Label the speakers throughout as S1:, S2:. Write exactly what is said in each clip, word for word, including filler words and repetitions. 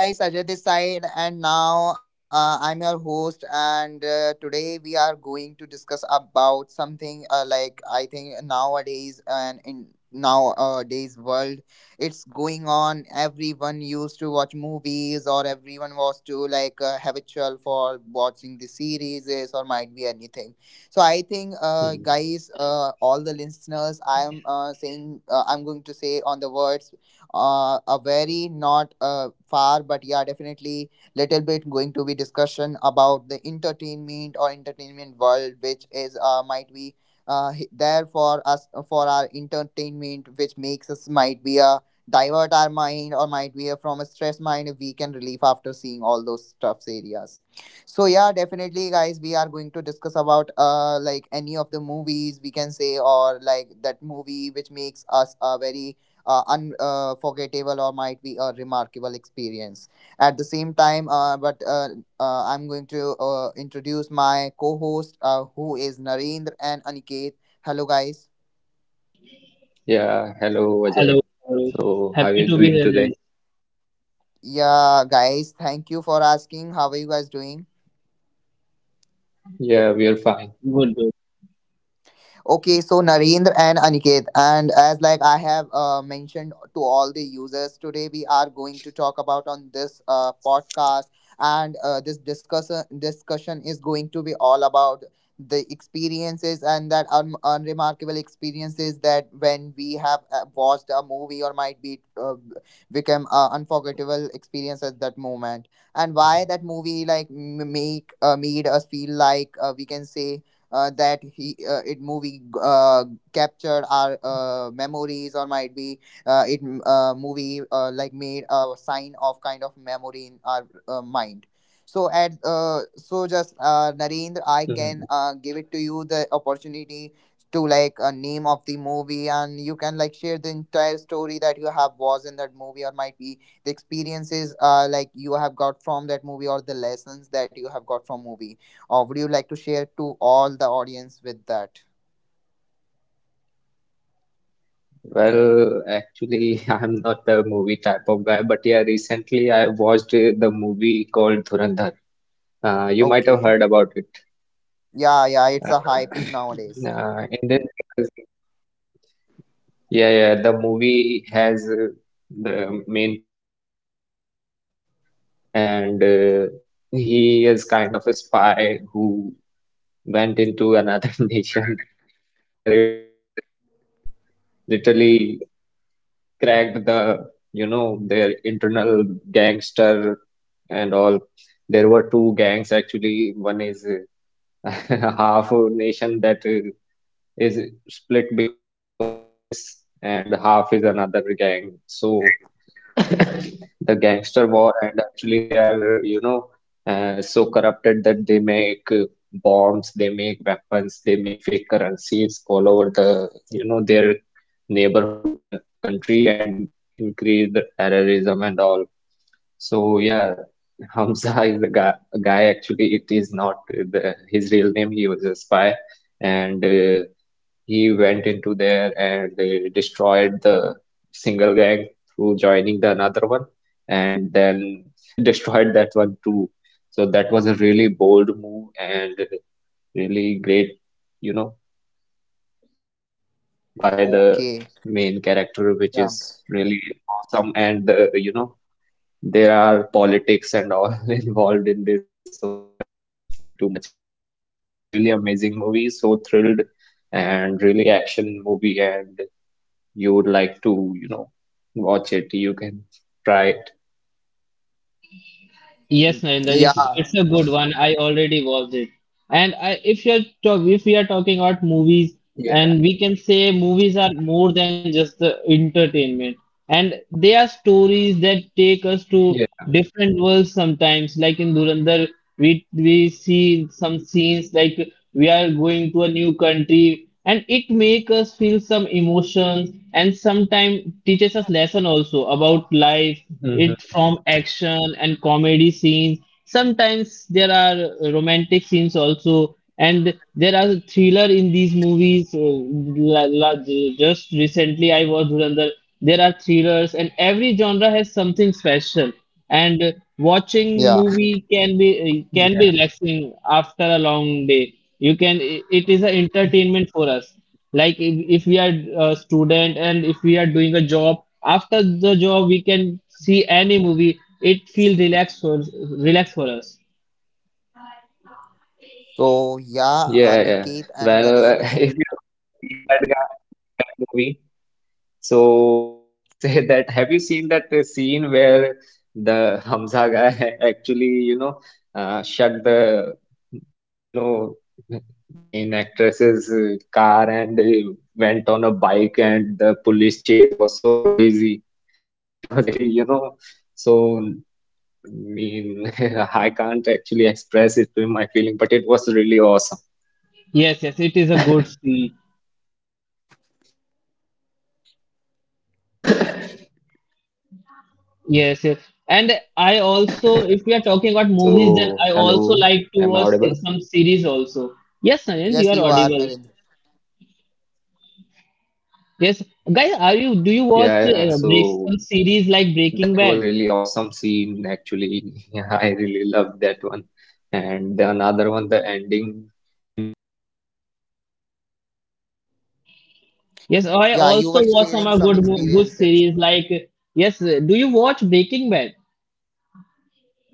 S1: Hey guys, Ajay this side, and now uh, I'm your host. And uh, today we are going to discuss about something uh, like I think nowadays and in nowadays world, it's going on. Everyone used to watch movies, or everyone was to like uh, have a chill for watching the series, or might be anything. So I think, uh, guys,
S2: Mm.
S1: uh, all the listeners, I'm uh, saying, uh, I'm going to say on the words uh, a very not uh, far but yeah definitely little bit going to be discussion about the entertainment or entertainment world which is uh, might be uh, h- there for us for our entertainment which makes us might be a divert our mind or might be a, from a stress mind we can relief after seeing all those stuffs areas so yeah definitely guys we are going to discuss about uh like any of the movies we can say or like that movie which makes us a very uh, unforgettable or might be a remarkable experience. At the same time, uh, but uh, uh, I'm going to uh, introduce my co host, uh, who is Narendra and Aniket. Hello, guys.
S2: Yeah, hello Ajay.
S3: Hello, hello.
S2: So, how are
S3: Happy
S2: you
S3: to be
S2: doing
S3: here, Nand.
S2: today?
S1: Yeah, guys, thank you for asking. How are you guys doing?
S2: Yeah, we are fine.
S3: Good, good.
S1: Okay, so Narendra and Aniket, and as like I have uh, mentioned to all the users today, we are going to talk about on this uh, podcast, and uh, this discussion discussion is going to be all about the experiences and that un- unremarkable experiences that when we have uh, watched a movie or might be uh, become uh, unforgettable experience
S2: Mm.
S1: at that moment, and why that movie like m- make uh, made us feel like uh, we can say uh, that he uh, it movie uh, captured our uh, memories or might be uh, it uh, movie uh, like made a sign of kind of memory in our uh, mind so at uh, so just uh, Narendra, I can
S2: Mm.
S1: uh, give it to you the opportunity to like a name of the movie and you can like share the entire story that you have was in that movie or might be the experiences uh, like you have got from that movie or the lessons that you have got from movie or would you like to share to all the audience with that?
S2: Well, actually, I'm not a movie type of guy, but yeah, recently I watched uh, the movie called Dhurandhar. Uh, you might have
S1: Okay.
S2: heard about it.
S1: Yeah, yeah, it's a
S2: Uh,
S1: hype nowadays.
S2: uh, in this, there is a. Yeah, yeah. The movie has uh, the main character Hamza, and uh, he is kind of a spy who went into another nation for uh, revenge or something, and uh, literally cracked the, you know, their internal gangster and all. There were two gangs actually. One is uh, half a nation that uh, is split because of this, and half is another gang. So the gangster war, and actually they are, you know, uh, so corrupted that they make uh, bombs, they make weapons, they make fake currencies all over, the you know their neighborhood con country, and increase the terrorism and all. So yeah, Hamza is the guy. Guy, actually, it is not the his real name, he was a spy, and uh, he went into there and they destroyed the single gang through joining the another one, and then destroyed that one too. So that was a really bold move and really great, you know, by the
S1: Okay.
S2: main character, which
S1: Yeah.
S2: is really awesome, and uh, you know there are politics and all involved in this, so I'm not saying too it. But uh, yeah, it is really amazing movie. So thrilled and really action movie, and you would like to, you know, watch it. You can try it.
S3: Yes, Narinda, it's
S1: Yeah.
S3: it's a good one. I already watched it. And I, if you're talk, if we are talking about movies,
S2: Yeah,
S3: and we can say movies are more than just the entertainment. And they are stories that take us to
S2: yeah,
S3: different worlds sometimes. Like in Durandar, we we see some scenes like we are going to a new country, and it make us feel some emotions, and sometimes teaches us lesson also about life.
S2: hmm,
S3: It from action and comedy scenes, sometimes there are romantic scenes also and there are thriller in these movies. Uh, la- la- just recently I watched Dhurandhar. There are thrillers and every genre has something special. And uh, watching
S1: Yeah.
S3: movie can be uh, can be
S2: yeah,
S3: relaxing after a long day. You can i- it is an entertainment for us. like if, if we are a student and if we are doing a job, after the job we can see any movie, it feels relaxed for, relax for us.
S1: So yeah,
S2: yeah, yeah.
S1: Aniket and
S2: Well,
S1: Narendra.
S2: if you have seen that guy, that movie. So I want to say that have you seen that uh, scene where the Hamza guy actually, you know, uh, shut the, you know, main actress's uh, car, and uh, went on a bike, and the police chase was so crazy. It was actually, you know, so I mean, I can't actually express it to my feeling, but it was really awesome.
S3: Yes, yes, it is a good see.
S2: Yo.
S3: Yes, yes. And I also, if we are talking about
S2: So,
S3: movies, then I also
S2: hello,
S3: like to
S2: am I
S3: watch
S2: audible?
S3: se- some series also. Yes, Sanjant, you
S1: Yes,
S3: are
S1: you are
S3: audible.
S1: Narendra.
S3: Yes, guys, are you, do you
S2: Yeah,
S3: watch
S2: yeah.
S3: uh, break
S2: So
S3: some series like
S2: that
S3: Breaking
S2: was
S3: Bad?
S2: really awesome scene, actually. Yeah, I really loved that one. And the another one, the ending in which he acts like he was the one who sa- who was
S3: Yes,
S2: saving the
S3: I
S1: Yeah,
S2: gang
S1: you
S3: also
S1: were
S2: leader,
S3: watch some
S1: sharing
S3: uh,
S1: some
S3: good
S2: but he
S3: mo- good
S2: was the
S1: experiences.
S2: one
S3: series
S2: who
S3: like.
S2: planned to kill him.
S3: Yes, uh, do you watch
S2: So that
S3: Breaking
S2: was
S3: Bad?
S2: actually one of the smartest move.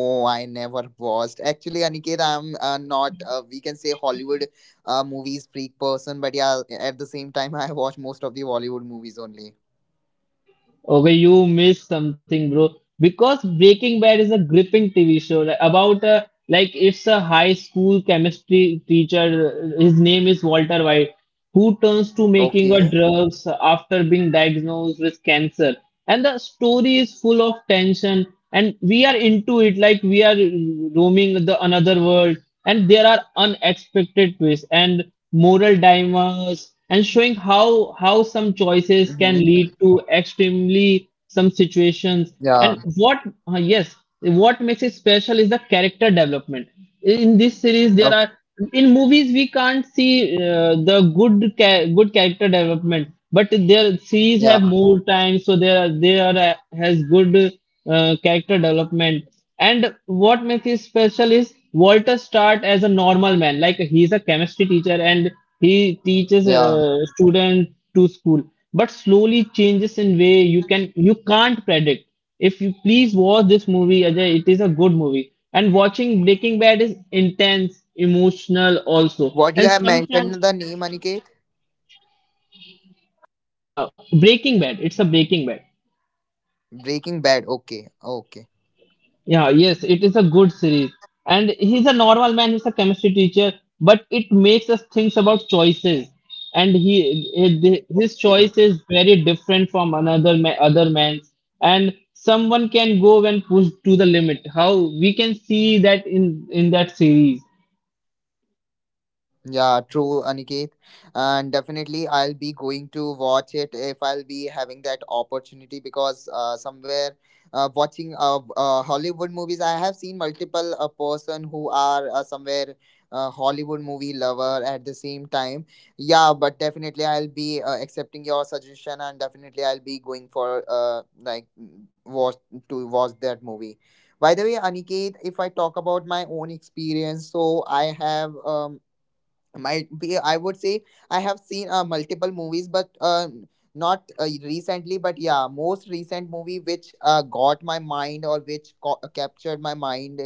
S2: Just
S1: I
S2: like uh,
S1: never watched.
S2: I
S1: Actually,
S2: told
S1: Aniket,
S2: you
S1: I'm uh,
S2: that uh,
S1: not. Uh, we can
S2: I
S1: say
S2: like
S1: Hollywood
S2: the you
S1: uh,
S2: know.
S1: movies freak person,
S2: Ajay,
S1: but
S2: I
S1: yeah,
S2: have
S1: at the
S2: told you
S1: same time, I
S2: before that
S1: watch
S2: I
S1: most of
S2: like
S1: the
S2: the
S1: Bollywood
S2: my
S1: movies
S2: genre
S1: only.
S2: is uh, psycho or some
S3: Okay,
S2: planning
S3: you
S2: type
S3: missed
S2: uh,
S3: something, bro,
S2: in
S3: because
S2: movies. So
S3: Breaking
S2: that
S3: Bad is a
S2: part
S3: gripping
S2: was
S3: T V
S2: the
S3: show, like,
S2: most that
S3: about uh,
S2: I
S3: like
S2: really
S3: it's a
S2: liked
S3: high
S2: in that
S3: school
S2: movie,
S3: chemistry
S2: that he planned
S3: teacher.
S2: it
S3: His
S2: all and
S3: name is
S2: you know
S3: Walter White,
S2: executed it
S3: who
S2: perfectly.
S3: turns to making a
S1: Okay.
S3: drugs after being diagnosed with cancer. And the story is full of tension,
S2: So
S3: and we are into it
S2: what do you
S3: like
S2: guys
S3: we are
S2: think?
S3: roaming the another world. And there are unexpected twists and moral dilemmas, and showing how how some choices can
S1: Mm-hmm.
S3: lead to extremely some situations
S1: Yeah.
S3: and what, uh, yes, what makes it special is the character development. In this series, there
S1: Okay.
S3: are, in movies we can't see uh, the good ca- good
S2: Hello.
S3: character development, but their series have
S1: Yeah.
S3: more time, so there there uh, has good uh, character development. And what makes it special is Walter start as a normal man, like he's a chemistry teacher and he teaches
S1: Yeah.
S3: uh, students to school, but slowly changes in way you can you can't predict. If you please watch this movie, Ajay, it is a good movie. And watching Breaking Bad is intense, emotional also.
S1: What you
S3: And
S1: have
S3: sometimes
S1: mentioned the name, Aniket?
S3: uh, Breaking Bad, it's a Breaking Bad.
S1: Breaking Bad. Okay, okay,
S3: Yeah, yes, it is a good series. And he's a normal man, he's a chemistry teacher, but it makes us think about choices. And he, he- his
S1: okay.
S3: choice is very different from another ma- other man's. And someone can go and push to the limit. How we can see that in in that series.
S1: Yeah, true, Aniket. And definitely, I'll be going to watch it if I'll be having that opportunity because uh, somewhere uh, watching uh, uh, Hollywood movies, I have seen multiple uh, person who are uh, somewhere uh, Hollywood movie lover at the same time. Yeah, but definitely, I'll be uh, accepting your suggestion and definitely I'll be going for uh, like mm, watch to watch that movie. By the way, Aniket, if I talk about my own experience, so I have um, might be I would say I have seen uh, multiple movies but uh, not uh, recently but yeah most recent movie which uh, got my mind or which co- captured my mind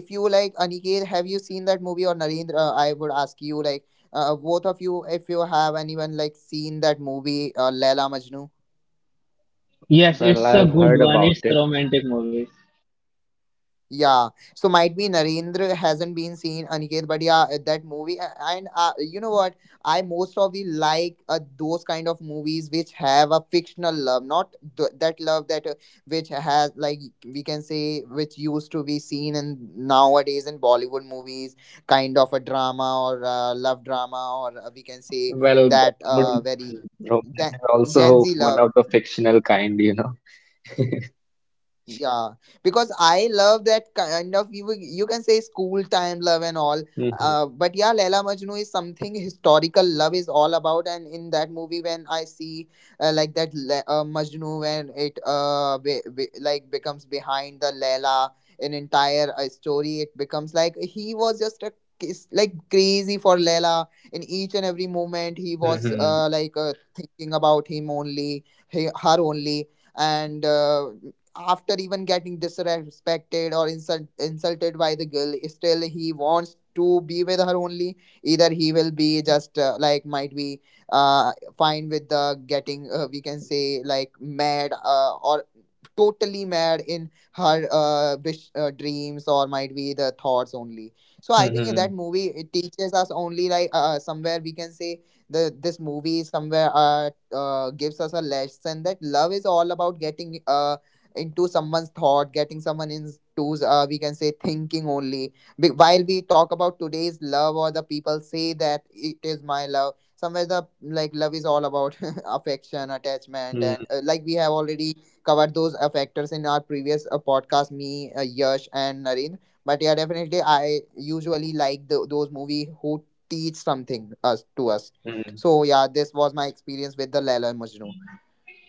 S1: if you like Aniket have you seen that movie or Narendra I would ask you like uh, both of you if you have anyone like seen that movie uh, Laila Majnu.
S3: Yes,
S2: Well,
S3: it's a
S2: I've
S3: good
S2: heard
S3: one.
S2: about
S3: It's a
S2: it.
S3: romantic movie.
S1: Yeah, so might be Narendra hasn't been seen Aniket, but yeah, uh, that movie a- and uh, you know what? I most of the like uh, those kind of movies which have a fictional love, not th- that love that uh, which has like we can say which used to be seen in nowadays in Bollywood movies, kind of a drama or uh, love drama or uh, we can say
S2: Well,
S1: that uh,
S2: Bollywood
S1: very
S2: romance
S1: Gen,
S2: is
S1: Gen
S2: also
S1: Z
S2: one
S1: love.
S2: of the fictional kind, you know.
S1: Yeah, because I love that kind of you will- you can say school time love and all. Uh,
S2: Mhm,
S1: but yeah, Laila Majnu is something historical love is all about, and in that movie, when I see uh, like that Le- uh, Majnu when it uh be, be, like becomes behind the Laila an entire uh, story, it becomes like he was just a is like crazy for Laila in each and every moment. He was
S2: mhm,
S1: uh like uh, thinking about him only, he, her only and uh, after even getting disrespected or insult, insulted by the girl still he wants to be with her only either he will be just uh, like might be uh, fine with the getting uh, we can say like mad uh, or totally mad in her uh, wish uh, dreams or might be the thoughts only so I think that
S2: mhm,
S1: movie it teaches us only like uh, somewhere we can say the this movie somewhere uh, uh, gives us a lesson that love is all about getting uh, into someone's thought getting someone into uh, we can say thinking only. Be- while we talk about today's love or the people say that it is my love somewhere the like love is all about affection attachment and uh,
S2: mhm,
S1: like we have already covered those uh, factors in our previous uh, podcast me uh, Yash and Naren. But yeah definitely I usually like the, those movie who teach something us to us
S2: mhm,
S1: so yeah this was my experience with the Laila and Majnu.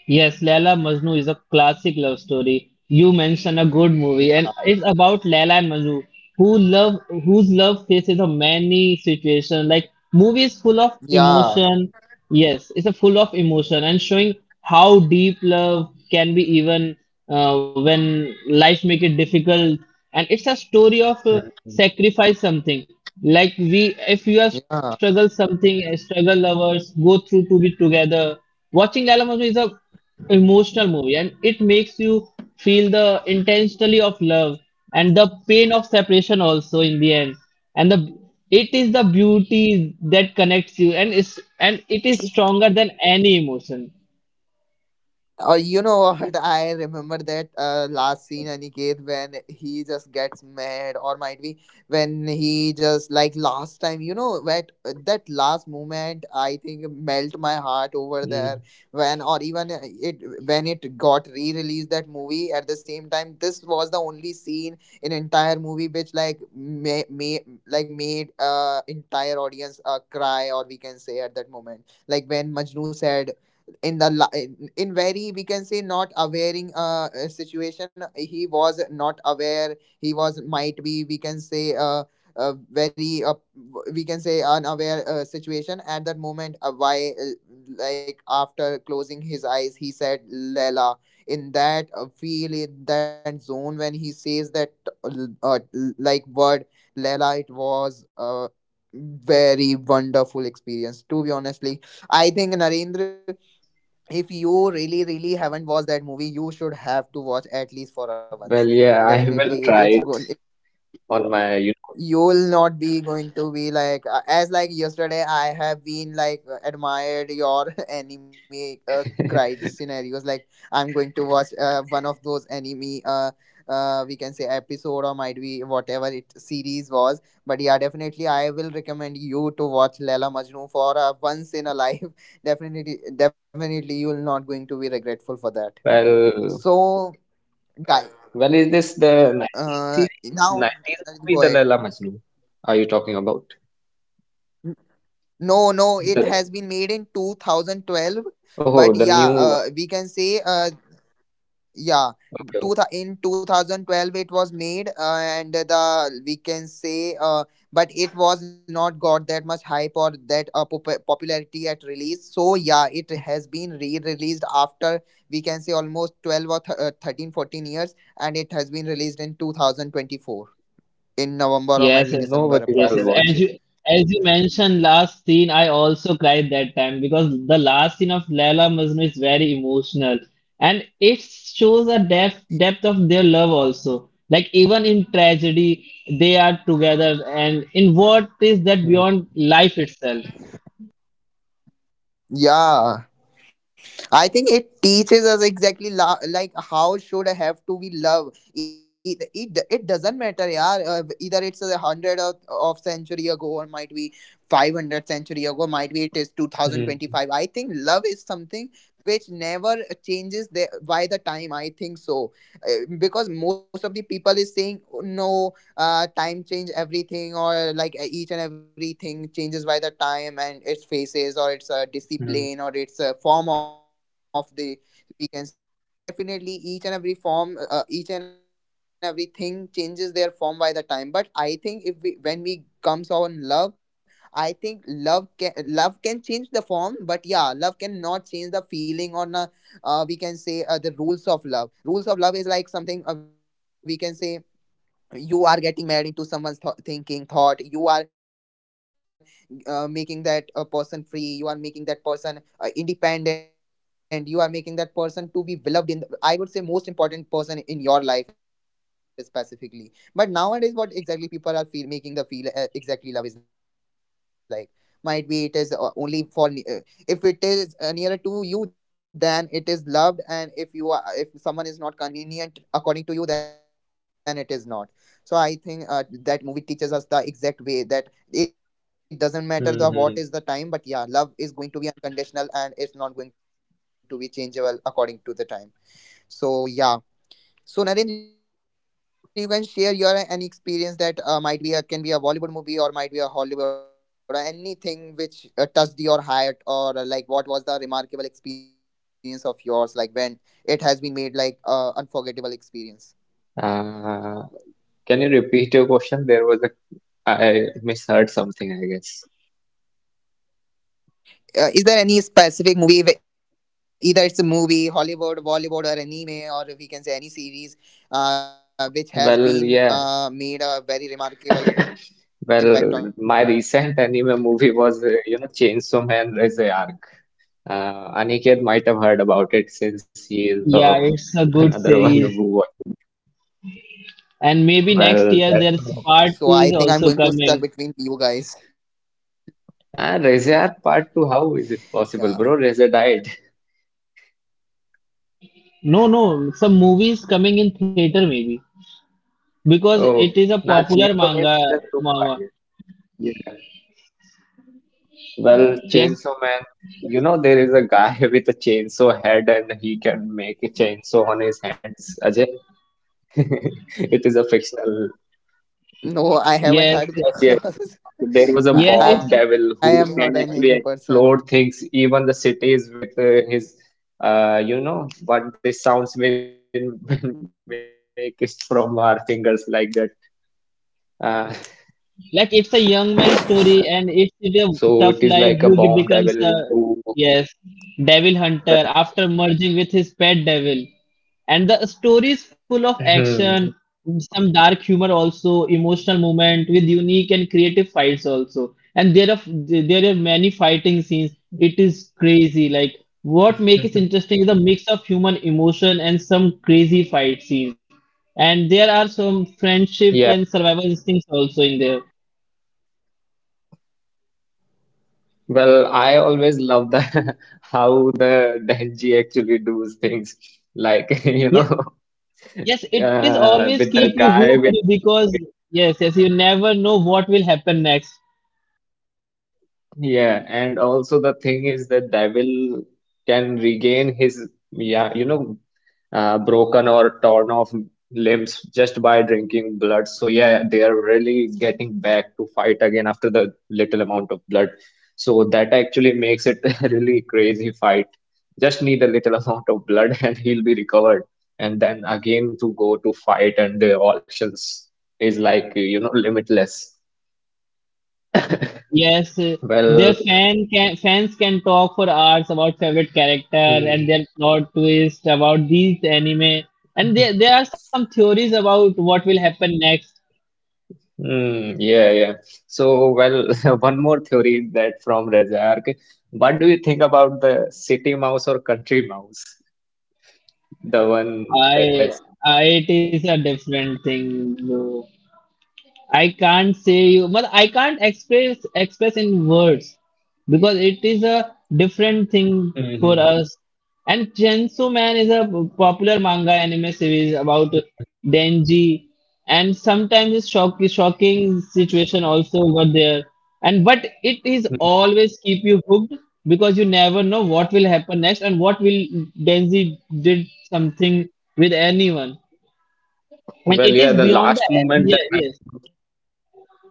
S3: Yes, Laila Majnu is a classic love story. You mentioned a good movie,
S1: Yeah
S3: and it's about Laila and Majnu, who love whose love faces a many situation. Like movie is full of
S1: yeah
S3: emotion. Yes, it's a full of emotion and showing how deep love can be even uh, when life make it difficult. And it's a story of uh,
S2: mhm,
S3: sacrifice something. Like we, if you have
S1: yeah.
S3: struggled something, uh, struggle lovers go through to be together. Watching Laila Majnu is a emotional movie and it makes you feel the intensity of love and the pain of separation also in the end and the, it is the beauty that connects you and is, and it is stronger than any emotion.
S1: Uh, you know what? I remember that uh, last scene, Aniket, when he just gets mad, or might be when he just like last time. You know that that last moment, I think melt my heart over
S2: mhm.
S1: there when, or even uh, it when it got re-released that movie at the same time. This was the only scene in entire movie which like may, may like made uh entire audience uh cry, or we can say at that moment like when Majnu said in the la- in, in very we can say not awareing uh uh, situation he was not aware he was might be we can say uh, uh very uh, we can say unaware uh, situation at that moment uh, why uh, like after closing his eyes he said Lela in that uh, feel in that zone when he says that uh, l- uh, l- like word Lela it was a very wonderful experience to be honestly. I think Narendra if you really really haven't watched that movie you should have to watch at least for a once,
S2: Well, yeah, I
S1: definitely
S2: will
S1: it's
S2: try
S1: good,
S2: it on my, you know, week
S1: you'll
S2: off.
S1: not be going to be like uh, as like yesterday I have been like uh, admired your anime uh, cried scenarios like I'm going to watch uh, one of those anime uh, uh we can say episode or might be whatever it series was but yeah definitely I will recommend you to watch Lela Majnu for uh, once in a life. Definitely definitely you'll not going to be regretful for that
S2: Well,
S1: so guy
S2: well, is this the nineties
S1: uh
S2: series,
S1: now
S2: nineties movie, the
S1: go ahead.
S2: Laila Majnu? Are you talking about
S1: No, no, it
S2: the?
S1: has been made in twenty twelve, but
S2: Oh, the
S1: yeah,
S2: new
S1: uh, we
S2: one.
S1: can say, uh, yeah,
S2: Okay,
S1: two thou-
S2: okay.
S1: in twenty twelve it was made, uh, and the we can say, uh, but it was not got that much hype or that uh, pop- popularity at release. So yeah, it has been re-released after we can say almost twelve or th- uh, thirteen, fourteen years, and it has been released in two thousand twenty-four in November or might
S3: Yes,
S1: be
S2: No
S1: December
S3: yes,
S2: worries,
S3: yes, yes.
S1: approx.
S2: I'll
S3: As you,
S2: watch it.
S3: as you mentioned last scene, I also cried that time because the last scene of Laila Majnun is very emotional and it shows a depth depth of their love also. Like even in tragedy, they are together and in what is that beyond
S2: Hmm,
S3: life itself.
S1: Yeah. I think it teaches us exactly la- like how should I have to be love. It, it, it doesn't matter, yeah. Uh, either it's a hundred of, of century ago, or might be five hundred century ago, might be it is two thousand twenty five. I
S2: hmm,
S1: think love is something which never changes the, by the time. I think so, uh, because most of the people is saying "Oh, no uh, time change everything or like uh, each and everything changes by the time and its phases or its uh, discipline or
S2: hmm,
S1: its uh, form of the we can say yeah we can say definitely each and every form uh, each and everything changes their form by the time but I think if we when we comes on love I think love can love can change the form but yeah love cannot change the feeling or na uh, we can say uh, the rules of love rules of love is like something uh, we can say you are getting mad into someone's th- thinking thought you are uh, making that a person free you are making that person uh, independent you are making that person to be beloved in I would say most important person in your life specifically but nowadays what exactly people are feel making the feel uh, exactly love is like might be it is uh, only for ne- uh, if it is uh, nearer to you then it is loved and if you are if someone is not convenient according to you then it is not so I think uh, that movie teaches us the exact way that it
S2: hmm.
S1: doesn't matter the what is the time, but yeah, love is going to be unconditional and it's not going to be changeable according to the time. So yeah. So Narendra, you
S3: Yeah,
S1: can share your uh, any experience that uh, might be a can be a Bollywood movie or might be a Hollywood or anything which uh, touched your heart or uh, like what was the remarkable experience of yours like when it has been made like uh, unforgettable experience.
S2: Uh, can you repeat your question? There was a I misheard something, I guess.
S1: Uh, is there any specific movie wh- either it's a movie Hollywood Bollywood or anime or we can say any series uh, which has
S2: Well,
S1: been
S2: yeah.
S1: uh, made a very remarkable
S2: Well, my
S1: impact on you
S2: recent anime movie was, uh, you know, Chainsaw Man Rizai Arc. Uh, Aniket might have heard about it, since he is the
S3: yeah, it's a
S2: another
S3: good
S2: one who
S3: series.
S2: watches anime.
S3: And maybe next
S2: Well,
S3: year
S2: that
S1: so
S3: there's
S1: I
S2: movie.
S1: think
S3: part
S1: I'm
S3: two
S1: going
S3: is
S1: to
S3: also
S1: stuck between
S3: coming.
S1: you guys.
S2: Ah, Rizai Part two, how is it
S1: Yeah
S2: possible, bro? Rizai died.
S3: No, no, some movies coming in theater maybe. Because it
S2: Oh,
S3: is a
S2: nah,
S3: popular
S2: Chainsaw Man
S3: manga,
S2: Season two, I
S3: mama.
S2: guess. Yeah. Well,
S3: Yes,
S2: Chainsaw Man, you know, there is a guy with a chainsaw head, and he can make a chainsaw on his hands, Ajay. It is a fictional
S1: no I haven't heard
S2: move.
S3: yes, yes.
S1: because
S2: Yes, yes.
S1: i
S2: And
S1: I
S2: there was a
S1: am
S3: Yes,
S1: not an
S3: it's.
S2: bomb
S1: anime
S2: devil
S1: person
S2: who can actually explode things, even the cities with uh, his, uh, you know, what the sounds will will make is from our fingers like that. Uh,
S3: Like it's a young man's story, and it's a
S2: so it
S3: tough
S2: is
S3: life.
S2: like a
S3: He
S2: bomb
S3: becomes a,
S2: devil who,
S3: yes, devil hunter
S2: well, yeah.
S3: after merging with his pet devil, and the story is full of action, some dark humor also, emotional moment with unique and creative fights also, and there are there are many fighting scenes. It is crazy. Like what makes it interesting is a mix of human emotion and some crazy fight scenes, and there are some friendship and
S2: Yeah.
S3: survival instincts also in there.
S2: Well, I always love the how the Denji actually does things. Like, you know,
S3: Yes, yes, it is
S2: uh,
S3: always
S2: with
S3: keep
S2: the
S3: you
S2: guy
S3: hooked
S2: with
S3: because
S2: having,
S3: yes, yes, you never know what will happen next.
S2: yeah, and also the thing is the devil can regain his, yeah, you know, uh, broken or torn off limbs just by drinking blood. So yeah, they are really getting back to fight again after the little amount of blood. So that actually makes it a really crazy fight. Just need a little amount of blood, and he'll be recovered. And then again to go to fight, and the all actions is like, you know, limitless.
S3: Yes, uh, their
S2: Well,
S3: fan can fans can talk for hours about favorite character and
S2: hmm.
S3: their plot twist about these anime,
S1: now you can
S3: and there
S1: continue
S3: there are
S1: Aniket.
S3: some theories about what will happen next.
S2: Hmm, yeah, yeah. So, well, one more theory that from Razak. What do you think about the city mouse or country mouse? The one that
S3: I,
S2: has.
S3: I it
S2: Yeah.
S3: is a different thing, bro. I can't say you, but I can't express express in words because it is a different thing for
S2: Hmm,
S3: us. And Chainsaw Man is a popular manga anime series about
S2: hmm,
S3: Denji, and sometimes it's shock, shocking situation also got there. And but it is
S2: hmm.
S3: always keep you hooked because you never know what will happen next and what will Denji did something with anyone. And
S2: Well,
S3: it
S2: yeah,
S3: is
S2: the
S3: beyond
S2: last
S3: the,
S2: moment
S3: yeah,
S2: that I
S3: yes,
S2: watched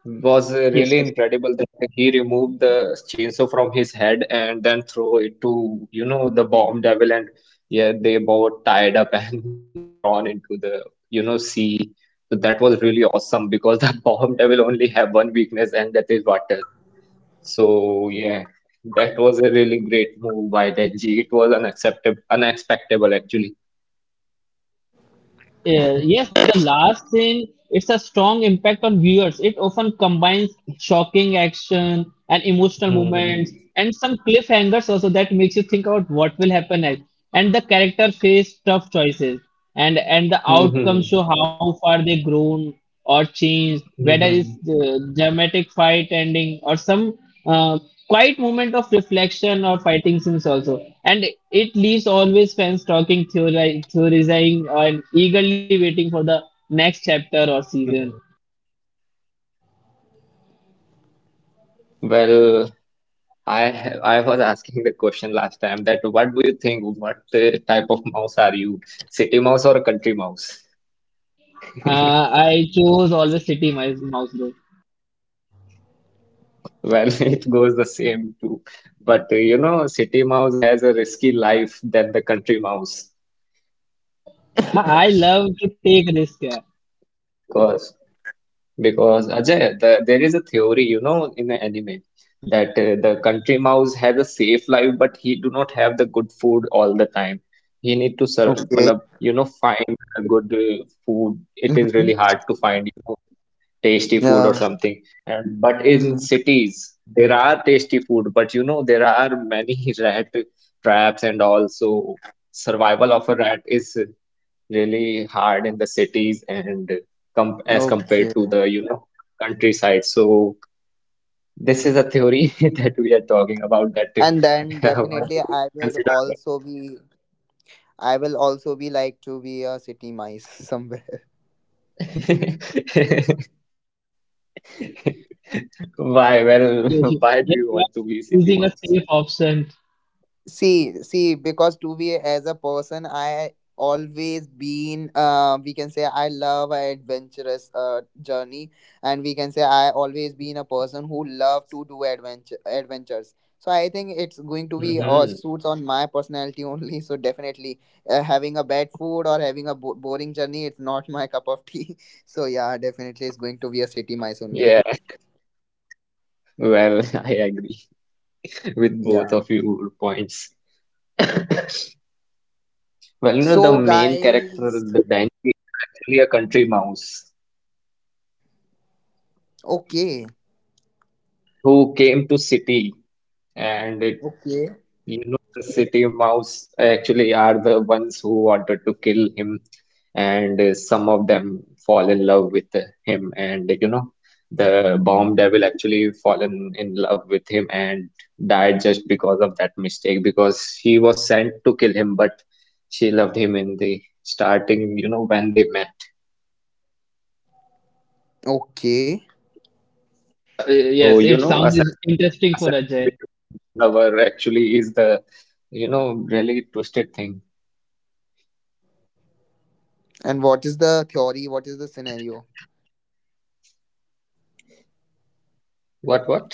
S2: was uh,
S3: yes,
S2: really
S3: yes.
S2: incredible, that he removed the chainsaw from his head and then throw it to, you know, the bomb devil, and yeah, they both tied up and drawn into the, you know, sea. So that was really awesome because the bomb devil only have one weakness, and that is water. So yeah, that was a really great move by Denji. It was unacceptable, unexpectable actually.
S3: Uh, yes, the last scene, it's a strong impact on viewers. It often combines shocking action and emotional moments
S2: Hmm.
S3: and some cliffhangers also that makes you think about what will happen next. And the character face tough choices and and the
S2: Hmm. Hmm.
S3: outcomes show how far they grown or change, whether it's the dramatic fight
S2: Hmm.
S3: ending or some uh, quiet moment of reflection or fighting scenes also. And it leaves always fans talking, theori- theorizing, and eagerly waiting for the next chapter or season.
S2: Hmm. Well, I ha- I was asking the question last time, that what do you think? What uh, type of mouse are you? City mouse or a country mouse?
S3: Uh, I chose always City Mouse Mouse Road.
S2: Well, it goes the same know, city mouse has a risky life than the country mouse
S3: I, I love to take risk. Yeah.
S2: because. Because Ajay, the, there is a theory, you know, in the anime that uh, the country mouse has a safe life, but he do not have the good food all the time. He need to, sur-
S4: Okay.
S2: matlab, you know, find the good uh, food. It is
S4: Mm-hmm.
S2: really hard to find, you know, tasty food or
S4: Yeah.
S2: something. And but in
S4: Mm-hmm.
S2: cities, there are tasty food, but you know, there are many rat traps, and also survival of a rat is really hard in the cities and com as
S4: Okay.
S2: compared to the you know countryside. So this is a theory that we are talking about.
S4: And
S2: That
S4: then definitely
S2: what do
S4: I
S2: you
S4: would
S2: consider
S4: also
S2: about
S4: be,
S2: yourself?
S4: I will also be like to be a city mice somewhere.
S2: Why? Well,
S3: You, you-
S2: why do
S3: yes,
S2: you
S3: you
S2: want to
S3: are
S2: be city
S3: choosing a safe
S2: mouse?
S3: option.
S4: See, see, because to be as a person, I always been uh we can say I love a adventurous uh journey, and we can say I always been a person who love to do adventure adventures. So I think it's going to be uh, suits
S2: Hmm.
S4: on my personality only. So definitely uh, having a bad food or having a bo boring journey, it's not my cup of tea. So yeah, definitely it's going to be a city mice only.
S2: Yeah. Well, I agree with both
S4: Yeah.
S2: of your points. Well, you know, the
S4: So
S2: main character,
S4: guys,
S2: the Denji, is actually a country mouse
S4: okay,
S2: who came to city. And it,
S4: okay.
S2: you know, the city mouse actually are the ones who wanted to kill him, and uh, some of them fall in love with uh, him. And you know, the bomb devil actually fallen in love with him and died just because of that mistake, because she was sent to kill him, but she loved him in the starting, you know, when they met.
S4: Okay.
S3: So, uh,
S2: So,
S3: yes,
S2: you
S3: it
S2: know,
S3: sounds is-
S2: assassination,
S3: interesting for
S2: assassin
S3: Ajay.
S2: become lover actually is the, you know, really twisted thing.
S4: And what is the theory? What is the scenario?
S2: What, what?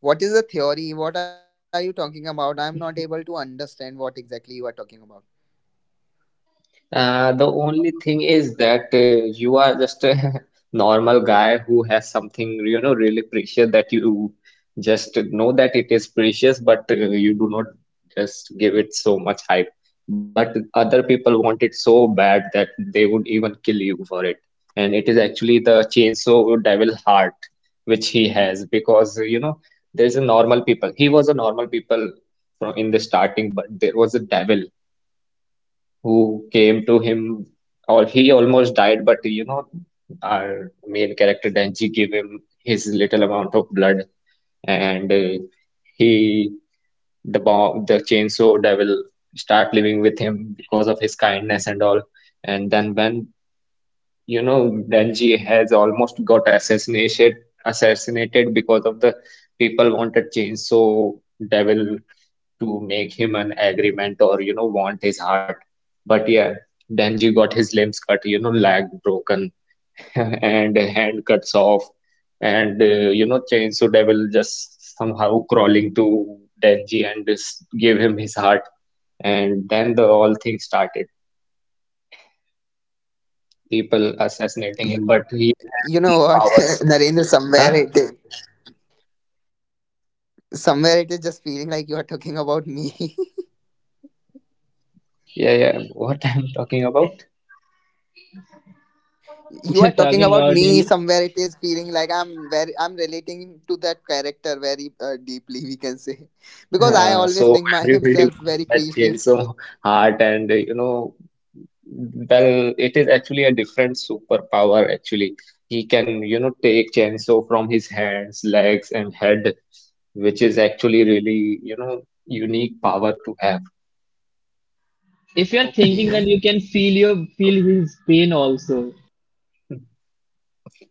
S4: What is the theory? What are you talking about? I'm not able to understand what exactly you are talking about.
S2: Uh, the only thing is that uh, you are just a normal guy who has something, you know, really precious, that you just know that it is precious, but uh, you do not just give it so much hype. But other people want it so bad that they would even kill you for it. And it is actually the chainsaw devil heart which he has because, you know, there's a normal people. He was a normal people from in the starting, but there was a devil who came to him, or he almost died, but you know, our main character Denji gave him his little amount of blood, and uh, he, the bomb, the chainsaw devil, start living with him because of his kindness and all. And then when you know Denji has almost got assassinated, assassinated because of the people wanted chainsaw devil to make him an agreement or you know want his heart. But yeah, Denji got his limbs cut, you know leg broken, and hand cuts off and uh, you know Chainsaw Devil just somehow crawling to Denji and just give him his heart. And then the all things started, people
S4: You know
S2: assassinating him,
S4: what,
S2: but he is
S4: Narendra?
S2: having these
S4: Somewhere it
S2: powers.
S4: is,
S2: Huh?
S4: somewhere it is just feeling like you are talking about me.
S2: Yeah, yeah, what I'm talking about.
S4: You are
S3: You're
S4: talking about
S3: talking about
S4: me.
S3: him.
S4: Somewhere it is feeling like I'm very, I'm relating to that character very uh, deeply. We can say because I
S2: Uh,
S4: always
S2: so
S4: think
S2: everybody
S4: myself
S2: want
S4: very
S2: that change
S4: precious.
S2: so heart, and uh, you know well, it is actually a different superpower actually. He can, you know take chainsaw from his hands, legs and head, which is actually really, you know unique power to have.
S3: If you're thinking,
S4: Okay.
S3: then you can feel your
S2: So
S3: feel his pain also.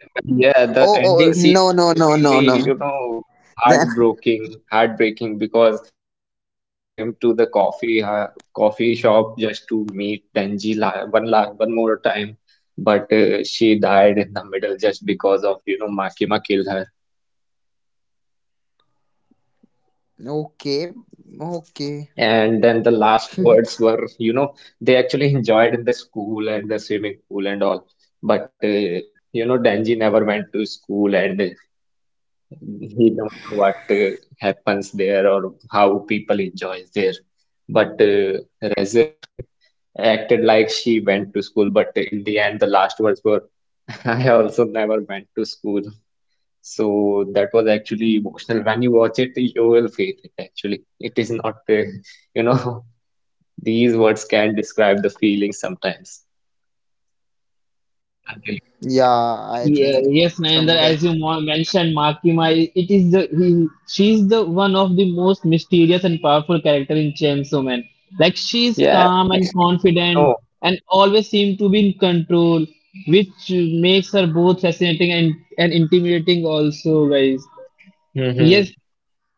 S2: well, yeah, the
S4: Oh,
S2: ending
S4: oh
S2: scene
S4: no, no,
S2: was
S4: no, no,
S2: really, you
S4: no.
S2: know,
S4: Then
S2: heartbreaking, heartbreaking because, you know, Reze came to the coffee uh, coffee shop just to meet Tenji la one la one more time, but uh, she died in the middle just because of, you know, Makima killed her.
S4: okay, okay.
S2: And then the last words were, you know, they actually enjoyed in the school and the swimming pool and all, but uh, you know, Denji never went to school, and he don't know what uh, happens there or how people enjoy there, but uh, Reze acted like she went to school, but in the end the last words were, I also never went to school. So that was actually emotional. When you watch it, you will feel it. Actually, it is not uh, you know these words can not describe the feeling sometimes until you watch it.
S4: Yeah, I
S2: Hmm.
S3: Yeah,
S4: think
S3: yes, Nayendra,
S4: somewhere.
S3: as you mo- mentioned, Makima, it is the he, she's the one of the most mysterious and powerful character in Chainsaw Man. Like she's
S2: Yeah,
S3: calm
S2: I
S3: and
S2: still didn't
S3: confident
S2: know.
S3: and always seems to be in control, which makes her both fascinating and, and intimidating also, guys.
S2: Hmm.
S3: Yes,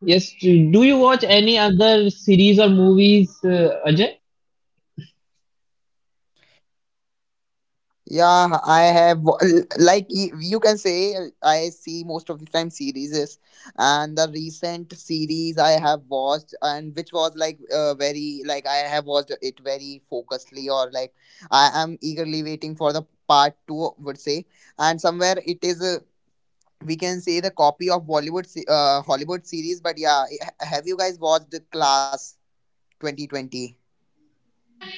S3: yes. Do you watch any other series or movies, uh, Ajay?
S4: Yeah, I have wa- l- like y- you can say uh, I see most of the time series, and the recent series I have watched and which was like uh, very, like, I have watched it very focusedly, or like I am eagerly waiting for the part two, would say. And somewhere it is uh, we can say the copy of Bollywood se- uh, Hollywood series. But yeah, h- have you guys watched The Class twenty twenty?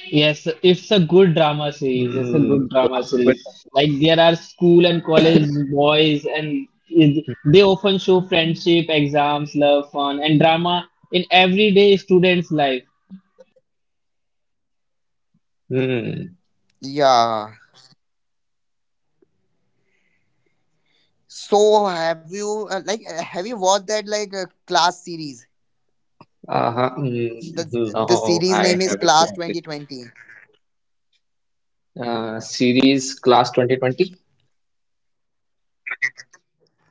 S3: Yes, it's a good drama
S2: Class
S3: series. It's a
S2: twenty.
S3: good drama series. Like there are school and college boys, and
S2: Hmm.
S3: it- they often show friendship, exams, love, fun, and drama in everyday students' life.
S4: Yeah. So have you uh, like uh, have you watched that like uh, class series?
S2: Uh-huh.
S4: The
S2: Mm.
S4: the
S2: No,
S4: series
S2: I
S4: name is
S2: haven't
S4: Class
S2: watched it.
S4: twenty twenty.
S2: Uh, series Class twenty twenty?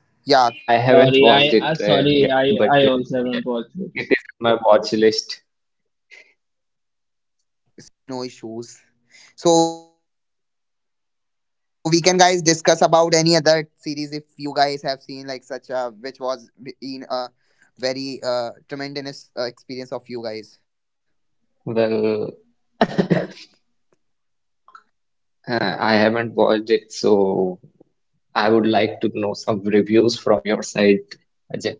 S4: Yeah,
S2: Uh, I
S4: series name
S2: haven't
S4: is
S3: Sorry,
S4: The
S2: watched
S3: I,
S2: it
S3: I
S4: Class
S2: uh, yet,
S3: sorry, I,
S4: twenty twenty.
S2: but uh,
S3: I also haven't
S2: yeah,
S3: watched it.
S2: it is in my watch list.
S4: No issues, no issues. So we can, guys, discuss about any other series if you guys have seen like such a, which was in a very uh tremendous uh, experience of you guys.
S2: Well, uh, I haven't watched it, so I would like to know some reviews from your side, Ajay.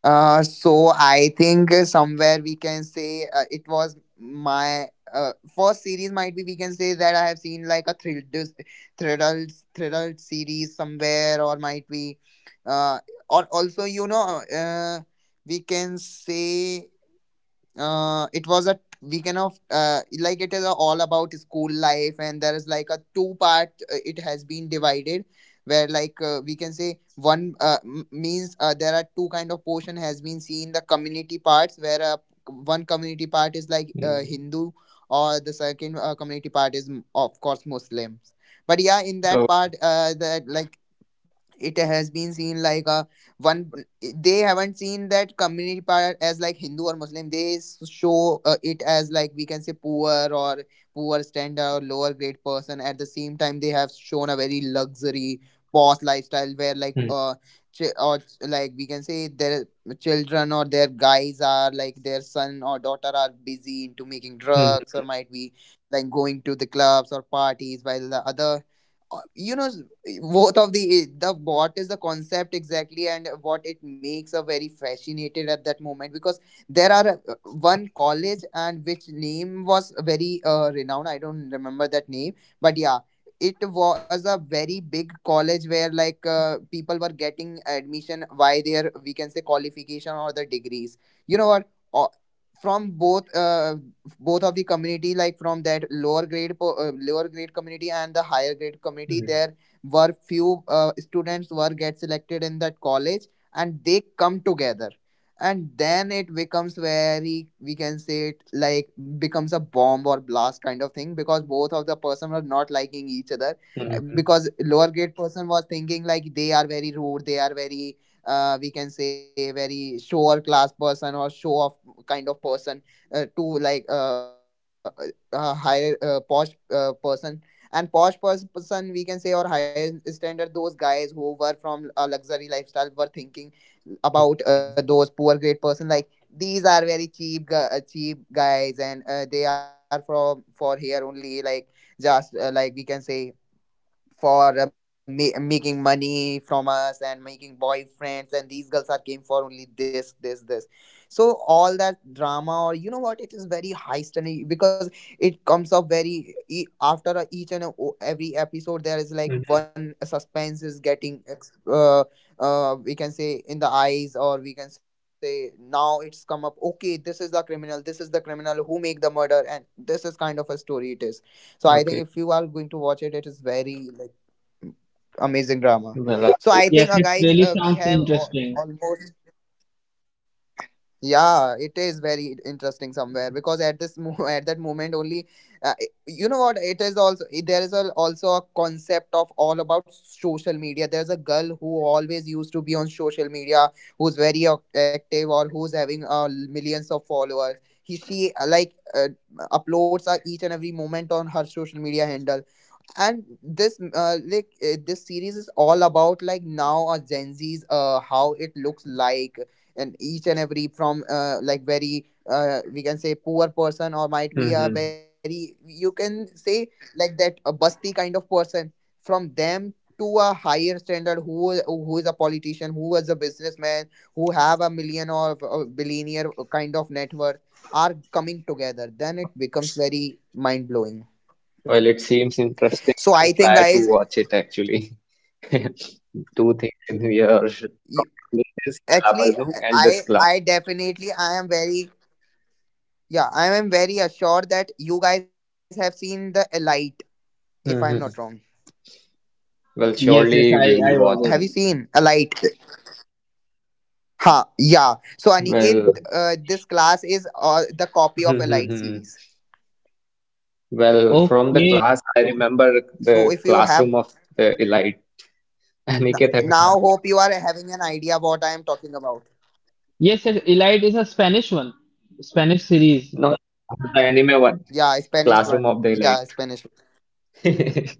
S4: Uh, so I think uh, somewhere we can say uh, it was my uh, first series. Might be we can say that I have seen like a thrill, dis- thrill, thrill series somewhere, or might be, uh, or also you know, uh, we can say uh, it was a weekend of uh, like, it is all about school life, and there is like a two part, uh, it has been divided where like uh, we can say one, uh, m- means uh, there are two kind of portion has been seen, the community parts, where uh, one community part is like uh,
S2: Hmm.
S4: Hindu or the second uh, community part is mm, of course Muslims. But yeah, in that part
S2: Oh.
S4: uh, that like it has been seen like a one, they haven't seen that community part as like Hindu or Muslim. They s- show uh, it as like, we can say, poor or poor standard or lower grade person. At the same time they have shown a very luxury posh lifestyle where like
S2: Hmm.
S4: uh ch- or ch- like we can say their children or their guys are like their son or daughter are busy into making drugs, or
S2: Hmm.
S4: might be like going to the clubs or parties, while the other uh, you know, both of the the what is the concept exactly, and what it makes a very fascinated at that moment, because there are uh, one college, and which name was very uh, renowned, I don't remember that name, but yeah, it was a very big college where like uh, people were getting admission by their, we can say, qualification or the degrees, you know what. Uh, from both uh, both of the community, like from that lower grade po- uh, lower grade community and the higher grade community
S2: Hmm.
S4: there, where few uh, students were get selected in that college, and they come together, and then it becomes very, we can say it like, becomes a bomb or blast kind of thing because both of the person were not liking each other. Uh,
S2: Hmm.
S4: because lower grade person was thinking like they are very rude, they are very uh, we can say very show or class person or show off kind of person uh, to like uh, uh, a higher uh, posh uh, person. And posh person, we can say, or higher standard, those guys who were from a luxury lifestyle were thinking
S2: Hmm.
S4: about
S2: Hmm.
S4: uh, those poor great person like these are very cheap gu- uh, cheap guys, and uh, they are from, for here only, like just uh, like we can say for uh, ma- making money from us and making boyfriends, and these girls are came for only this this this. So all that drama, or you know what, it is very high standing, because it comes up very e- after a- each and a- o- every episode, there is
S2: Hmm.
S4: like
S2: Hmm.
S4: one suspense is getting ex- uh, uh, we can say in the eyes, or we can say now it's come up, okay, this is the criminal, this is the criminal who make the murder, and this is kind of a story it is. So I think, if
S2: Okay.
S4: you are going to watch it, it is very like amazing drama.
S2: Well, I
S4: So
S2: will
S4: I think
S3: Yes,
S4: uh,
S3: it
S4: guys
S3: really
S4: uh, we
S3: sounds
S4: have al-
S3: interesting.
S4: almost. Yeah, it is very interesting somewhere, because at this mo- at that moment only uh, i- you know what, it is also i- there is a, also a concept of all about social media. There's a girl who always used to be on social media, who's very ac- active, or who's having uh, millions of followers. He She uh, like uh, uploads uh, each and every moment on her social media handle. And this uh, like uh, this series is all about like now our Gen Z's uh how it looks like. And each and every from uh like very uh we can say poor person, or might be
S2: try.
S4: a very, you can say, like that a busty kind of person, from them to a higher standard, who who is a politician, who is a businessman, who have a million or a billionaire uh, kind of net worth are coming together, then it becomes very mind blowing.
S2: Well, it seems interesting.
S4: So
S2: I'll
S4: I think
S2: try to
S4: guys
S2: watch it actually. Two things in your from your list
S4: actually,
S2: is Lala
S4: I
S2: Majnu
S4: I
S2: and this
S4: definitely
S2: class.
S4: I am very, yeah I am very assured that you guys have seen The Elite, if I am not wrong.
S2: Mhm. Well,
S3: Yes, yes,
S2: surely
S3: I,
S2: we
S4: Have you
S2: will
S3: I was
S2: watch
S4: seen
S3: it.
S2: it.
S4: Elite? Ha! Yeah, so Aniket, uh,
S2: Well,
S4: this class is uh, the copy of Elite series.
S2: well, from the
S3: Okay.
S2: class, I
S4: So if you
S2: remember
S4: have,
S2: the classroom of the elite.
S4: n- now hope you
S2: Aniket,
S4: are
S2: have you heard
S4: having an
S2: about it?
S4: idea what I am talking about.
S3: Yes, yes, Elite is a Spanish one, Spanish series.
S2: No, no, no, the
S4: Yeah,
S2: anime one,
S4: Spanish one. Yeah,
S2: classroom of
S4: Spanish
S2: the
S4: one.
S2: elite.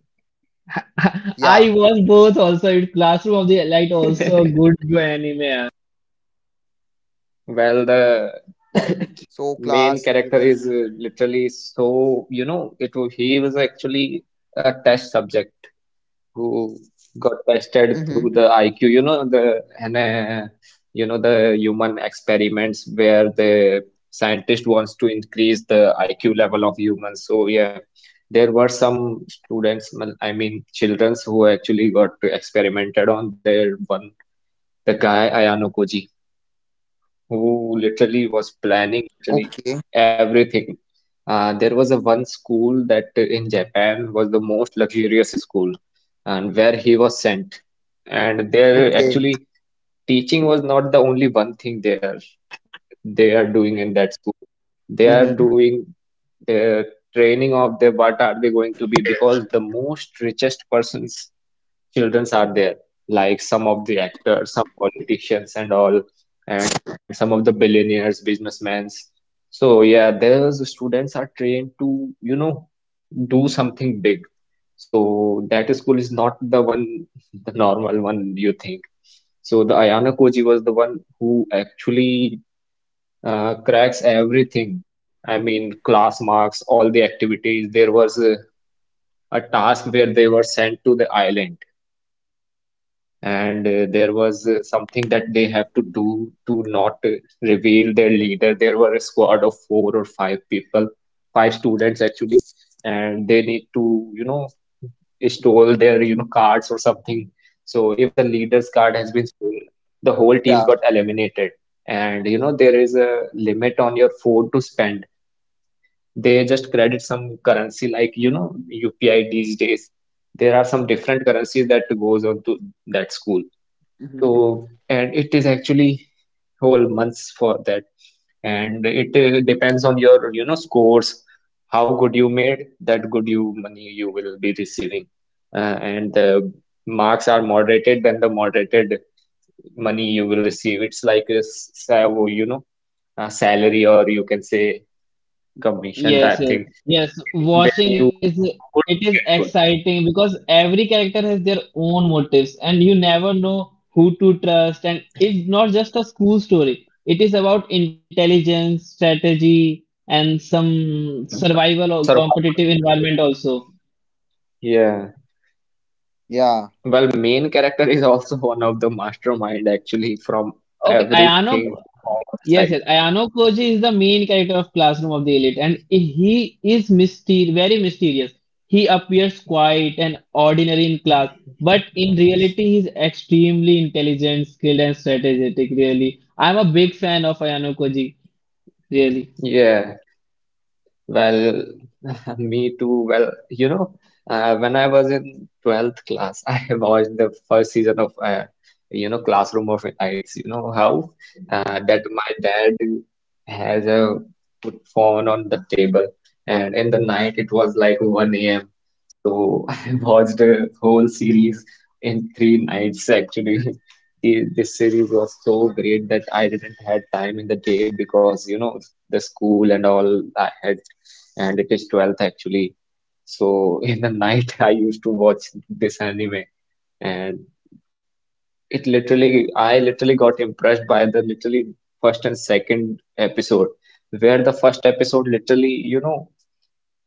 S4: Yeah,
S3: I was both also in classroom of the Elite, also good anime.
S2: Well, the
S4: so class
S2: main
S4: series.
S2: character is uh, literally so, you know, it wa- he was actually a test subject who got tested through
S4: Mm-hmm.
S2: the I Q, you know, the and, uh, you know the human experiments where the scientist wants to increase the I Q level of humans. So yeah, there were some students, mal- I mean, childrens who actually got experimented on. There one, the guy Ayano Koji who literally was planning literally
S4: Okay,
S2: everything. Uh, there was a one school that in Japan was the most luxurious school, and where he was sent. And
S4: okay.
S2: there actually teaching was not the only one thing they are they are doing in that school. They are
S4: Mm-hmm.
S2: doing their training of their what are they going to be, because the most richest persons childrens are there, like some of the actors, some politicians and all, and some of the billionaires businessmen. So yeah, those students are trained to, you know do something big. So that school is not the one, the normal one you think. So the Ayana Koji was the one who actually uh, cracks everything. I mean, class marks, all the activities. There was a, a task where they were sent to the island, and uh, there was uh, something that they have to do to not uh, reveal their leader. There were a squad of four or five people, five students actually, and they need to, you know, stole their, you know, cards or something. So if the leader's card has been stolen, the
S4: Yeah.
S2: whole team got eliminated. And you know, there is a limit on your phone to spend. They just credit some currency like, you know, U P I these days. There are some different currencies that goes on to
S4: Mm-hmm.
S2: that school. So, and it is actually whole months for that. And it uh, depends on your, you know, scores, how good you made, that good you money you will be receiving. Uh, and the marks are moderated, then the moderated money you will receive. It's like a, s- sa- you know, a salary, or you can say commission
S3: Yes,
S2: type
S3: yes,
S2: thing.
S3: yes.
S2: In where
S3: Watching it
S2: you
S3: is,
S2: do
S3: it is
S2: good, get good.
S3: exciting because every character has their own motives, and you never know who to trust. And it's not just a school story. It is about intelligence, strategy, and some survival
S2: Well,
S3: or
S2: survival
S3: competitive
S2: and all.
S3: environment also.
S2: Yeah.
S4: Yeah.
S2: Well, main character is also one of the mastermind actually from
S3: Okay, Ayano,
S2: everything, from all of the
S3: yes, yes.
S2: sides.
S3: Ayano Koji is the main character of Classroom of the Elite, and he is myster very mysterious. He appears quiet and ordinary in class, but in reality, he's extremely intelligent, skilled, and strategic, really. I'm a big fan of Ayano Koji, really.
S2: Yeah. Well, me too. Well, you know, uh, when I was in twelfth class, I watched the first season of, uh, you know, Classroom of Idols. You know how uh, that my dad has a put phone on the table, and in the night it was like one a m. So I watched the whole series in three nights actually. The- This series was so great that I didn't had time in the day because, you know, the school and all I had, and it is twelfth actually. So in the night, I used to watch this anime, and it literally, I literally got impressed by the literally first and second episode, where the first episode literally, you know,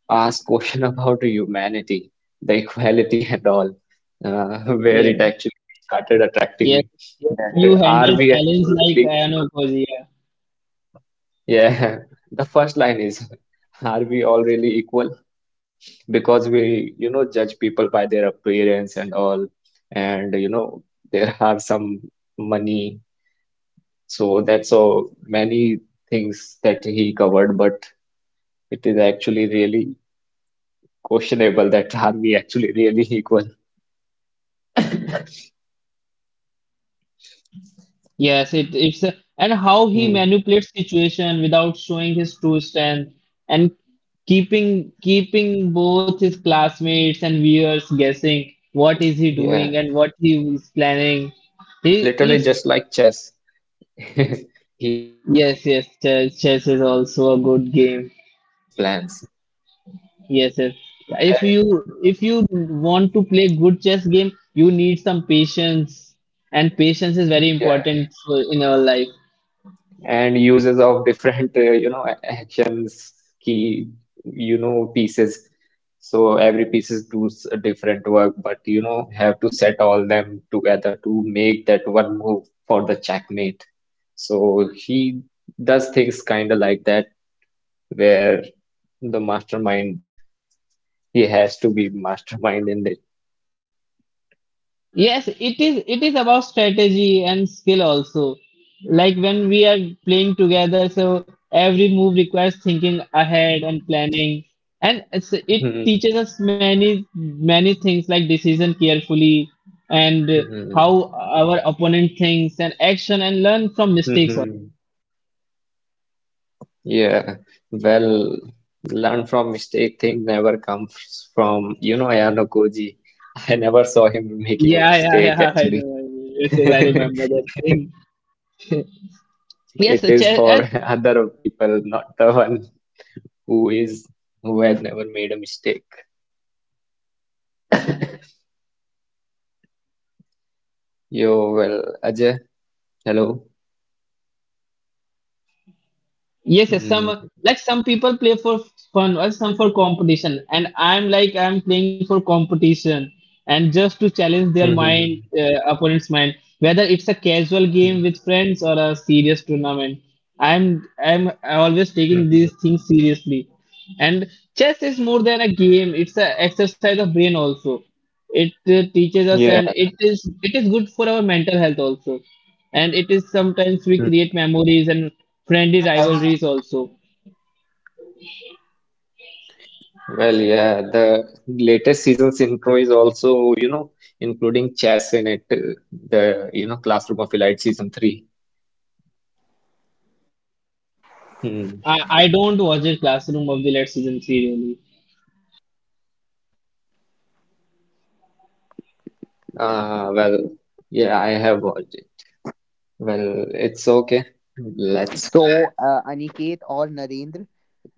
S2: asks question about humanity, the equality and all, uh, where it
S3: Yeah,
S2: actually started attracting
S3: yes,
S2: me.
S3: yes.
S2: That uh,
S3: You
S2: are
S3: handle
S2: we
S3: challenge
S2: all
S3: like
S2: really
S3: Ayano
S2: equal?
S3: Koji.
S2: Yeah, the first line is, are we all really equal? Because we, you know judge people by their appearance and all, and you know there are some money, so that's so many things that he covered, but it is actually really questionable that are we actually really equal.
S3: Yes, it it's a, and how he
S2: Hmm.
S3: manipulates situation without showing his true strength and keeping keeping both his classmates and viewers guessing what is he
S2: Yeah,
S3: doing and what he is planning.
S2: literally
S3: He
S2: just like
S3: it's,
S2: chess. He literally,
S3: yes,
S2: you
S3: yes,
S2: know
S3: chess,
S2: uses
S3: chess is
S2: other
S3: also a
S2: people
S3: good
S2: in
S3: game.
S2: for his plans.
S3: Yes, yes. If
S2: That,
S3: you if you want to play good chess game, you need some patience, and patience is very
S2: yeah,
S3: important for, in our life.
S2: and uses of different uh, you know a- actions, key, you know pieces. So every pieces does a different work, but you know have to set all them together to make that one move for the checkmate. So he does things kind of like that, where the mastermind, he has to be mastermind in it.
S3: Yes, it is, it is about strategy and skill also. Like when we are playing together, so every move requires thinking ahead and planning. And it's, it teaches
S2: Hmm.
S3: us many many things like decision carefully and
S2: Hmm.
S3: how our opponent thinks and action and learn from
S2: Hmm.
S3: mistakes.
S2: Hmm. Yeah, well, learn from mistake thing never comes from, you know, Ayano Koji. I never saw him making a
S3: Yeah, yeah,
S2: mistake
S3: yeah. I know.
S2: actually.
S3: I know. Yes, yes, I remember that thing. Yes, the
S2: It is
S3: chess,
S2: for other people, not the one who is who has never made a mistake. Yo, well, Ajay, hello.
S3: yes, yes, some,
S2: Mm.
S3: like some people play for fun or some for competition, and I'm like I'm playing for competition and just to challenge their mind,
S2: Mm-hmm.
S3: uh, opponent's mind, whether it's a casual game with friends or a serious tournament. I'm I'm always taking these
S2: Mm-hmm.
S3: things seriously, and chess is more than a game; it's an exercise of brain also. It uh, teaches us and
S2: Yeah.
S3: it is, it is good for our mental health also, and it is sometimes we create
S2: Hmm.
S3: memories and friendly rivalries
S5: So,
S3: also.
S2: Well, yeah, the latest season's intro is also, you know, including chess in it, uh, the, you know, Classroom of Elite season three. Hmm.
S3: i i don't watch the Classroom of the Late season three really.
S2: Uh, well, yeah, I have watched it. Well, it's okay. Let's.
S5: uh, Aniket or Narendra,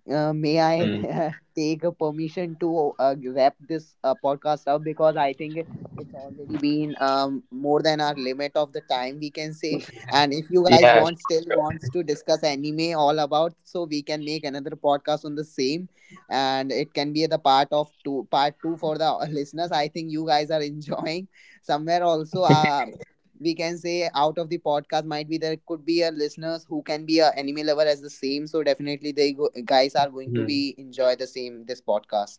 S5: uh, may
S2: Hmm.
S5: I take a permission to uh, wrap this uh, podcast up, because I think it's already been um, more than our limit of the time we can say. And if you guys
S2: Yeah,
S5: want,
S2: sure,
S5: still
S2: sure.
S5: wants to discuss anime all about, so we can make another podcast on the same, and it can be the part of two, part two for the listeners. I think you guys are enjoying somewhere also. Uh, we can say out of the podcast might be there could be a listeners who can be a anime lover as the same, so definitely they go, guys are going to
S2: Hmm.
S5: be enjoy the same this podcast.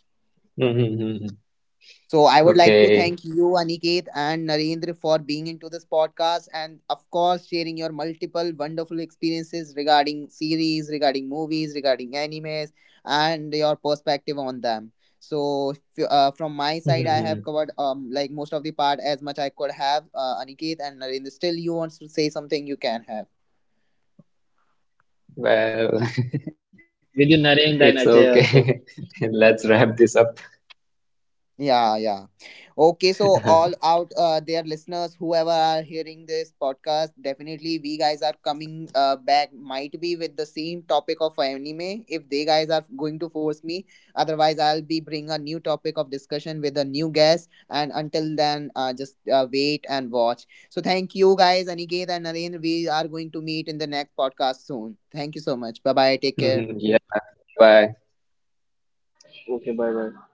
S2: Hmm.
S5: So I would like to
S2: Okay.
S5: thank you, Aniket and Narendra, for being into this podcast and, of course, sharing your multiple wonderful experiences regarding series, regarding movies, regarding animes, and your perspective on them. So f- uh, from my side, I
S2: Hmm.
S5: have covered um, like most of the part as much I could have. Uh, Aniket and Narendra, still you want to say something? You can have.
S3: Yes, I'm happy to
S2: Well,
S3: be here, guys, with you, Narendra
S2: it's
S3: and Ajay also.
S2: okay. Let's wrap this up.
S5: Yeah, yeah. Okay, so all out uh, there listeners, whoever are hearing this podcast, definitely we guys are coming uh, back. Might be with the same topic of anime. If they guys are going to force me, otherwise I'll be bring a new topic of discussion with a new guest. And until then, uh, just uh, wait and watch. So thank you guys, Aniket and Naren. We are going to meet in the next podcast soon. Thank you so much. Bye bye. Take care.
S2: Hmm. Yeah, bye bye.
S3: Okay, bye bye.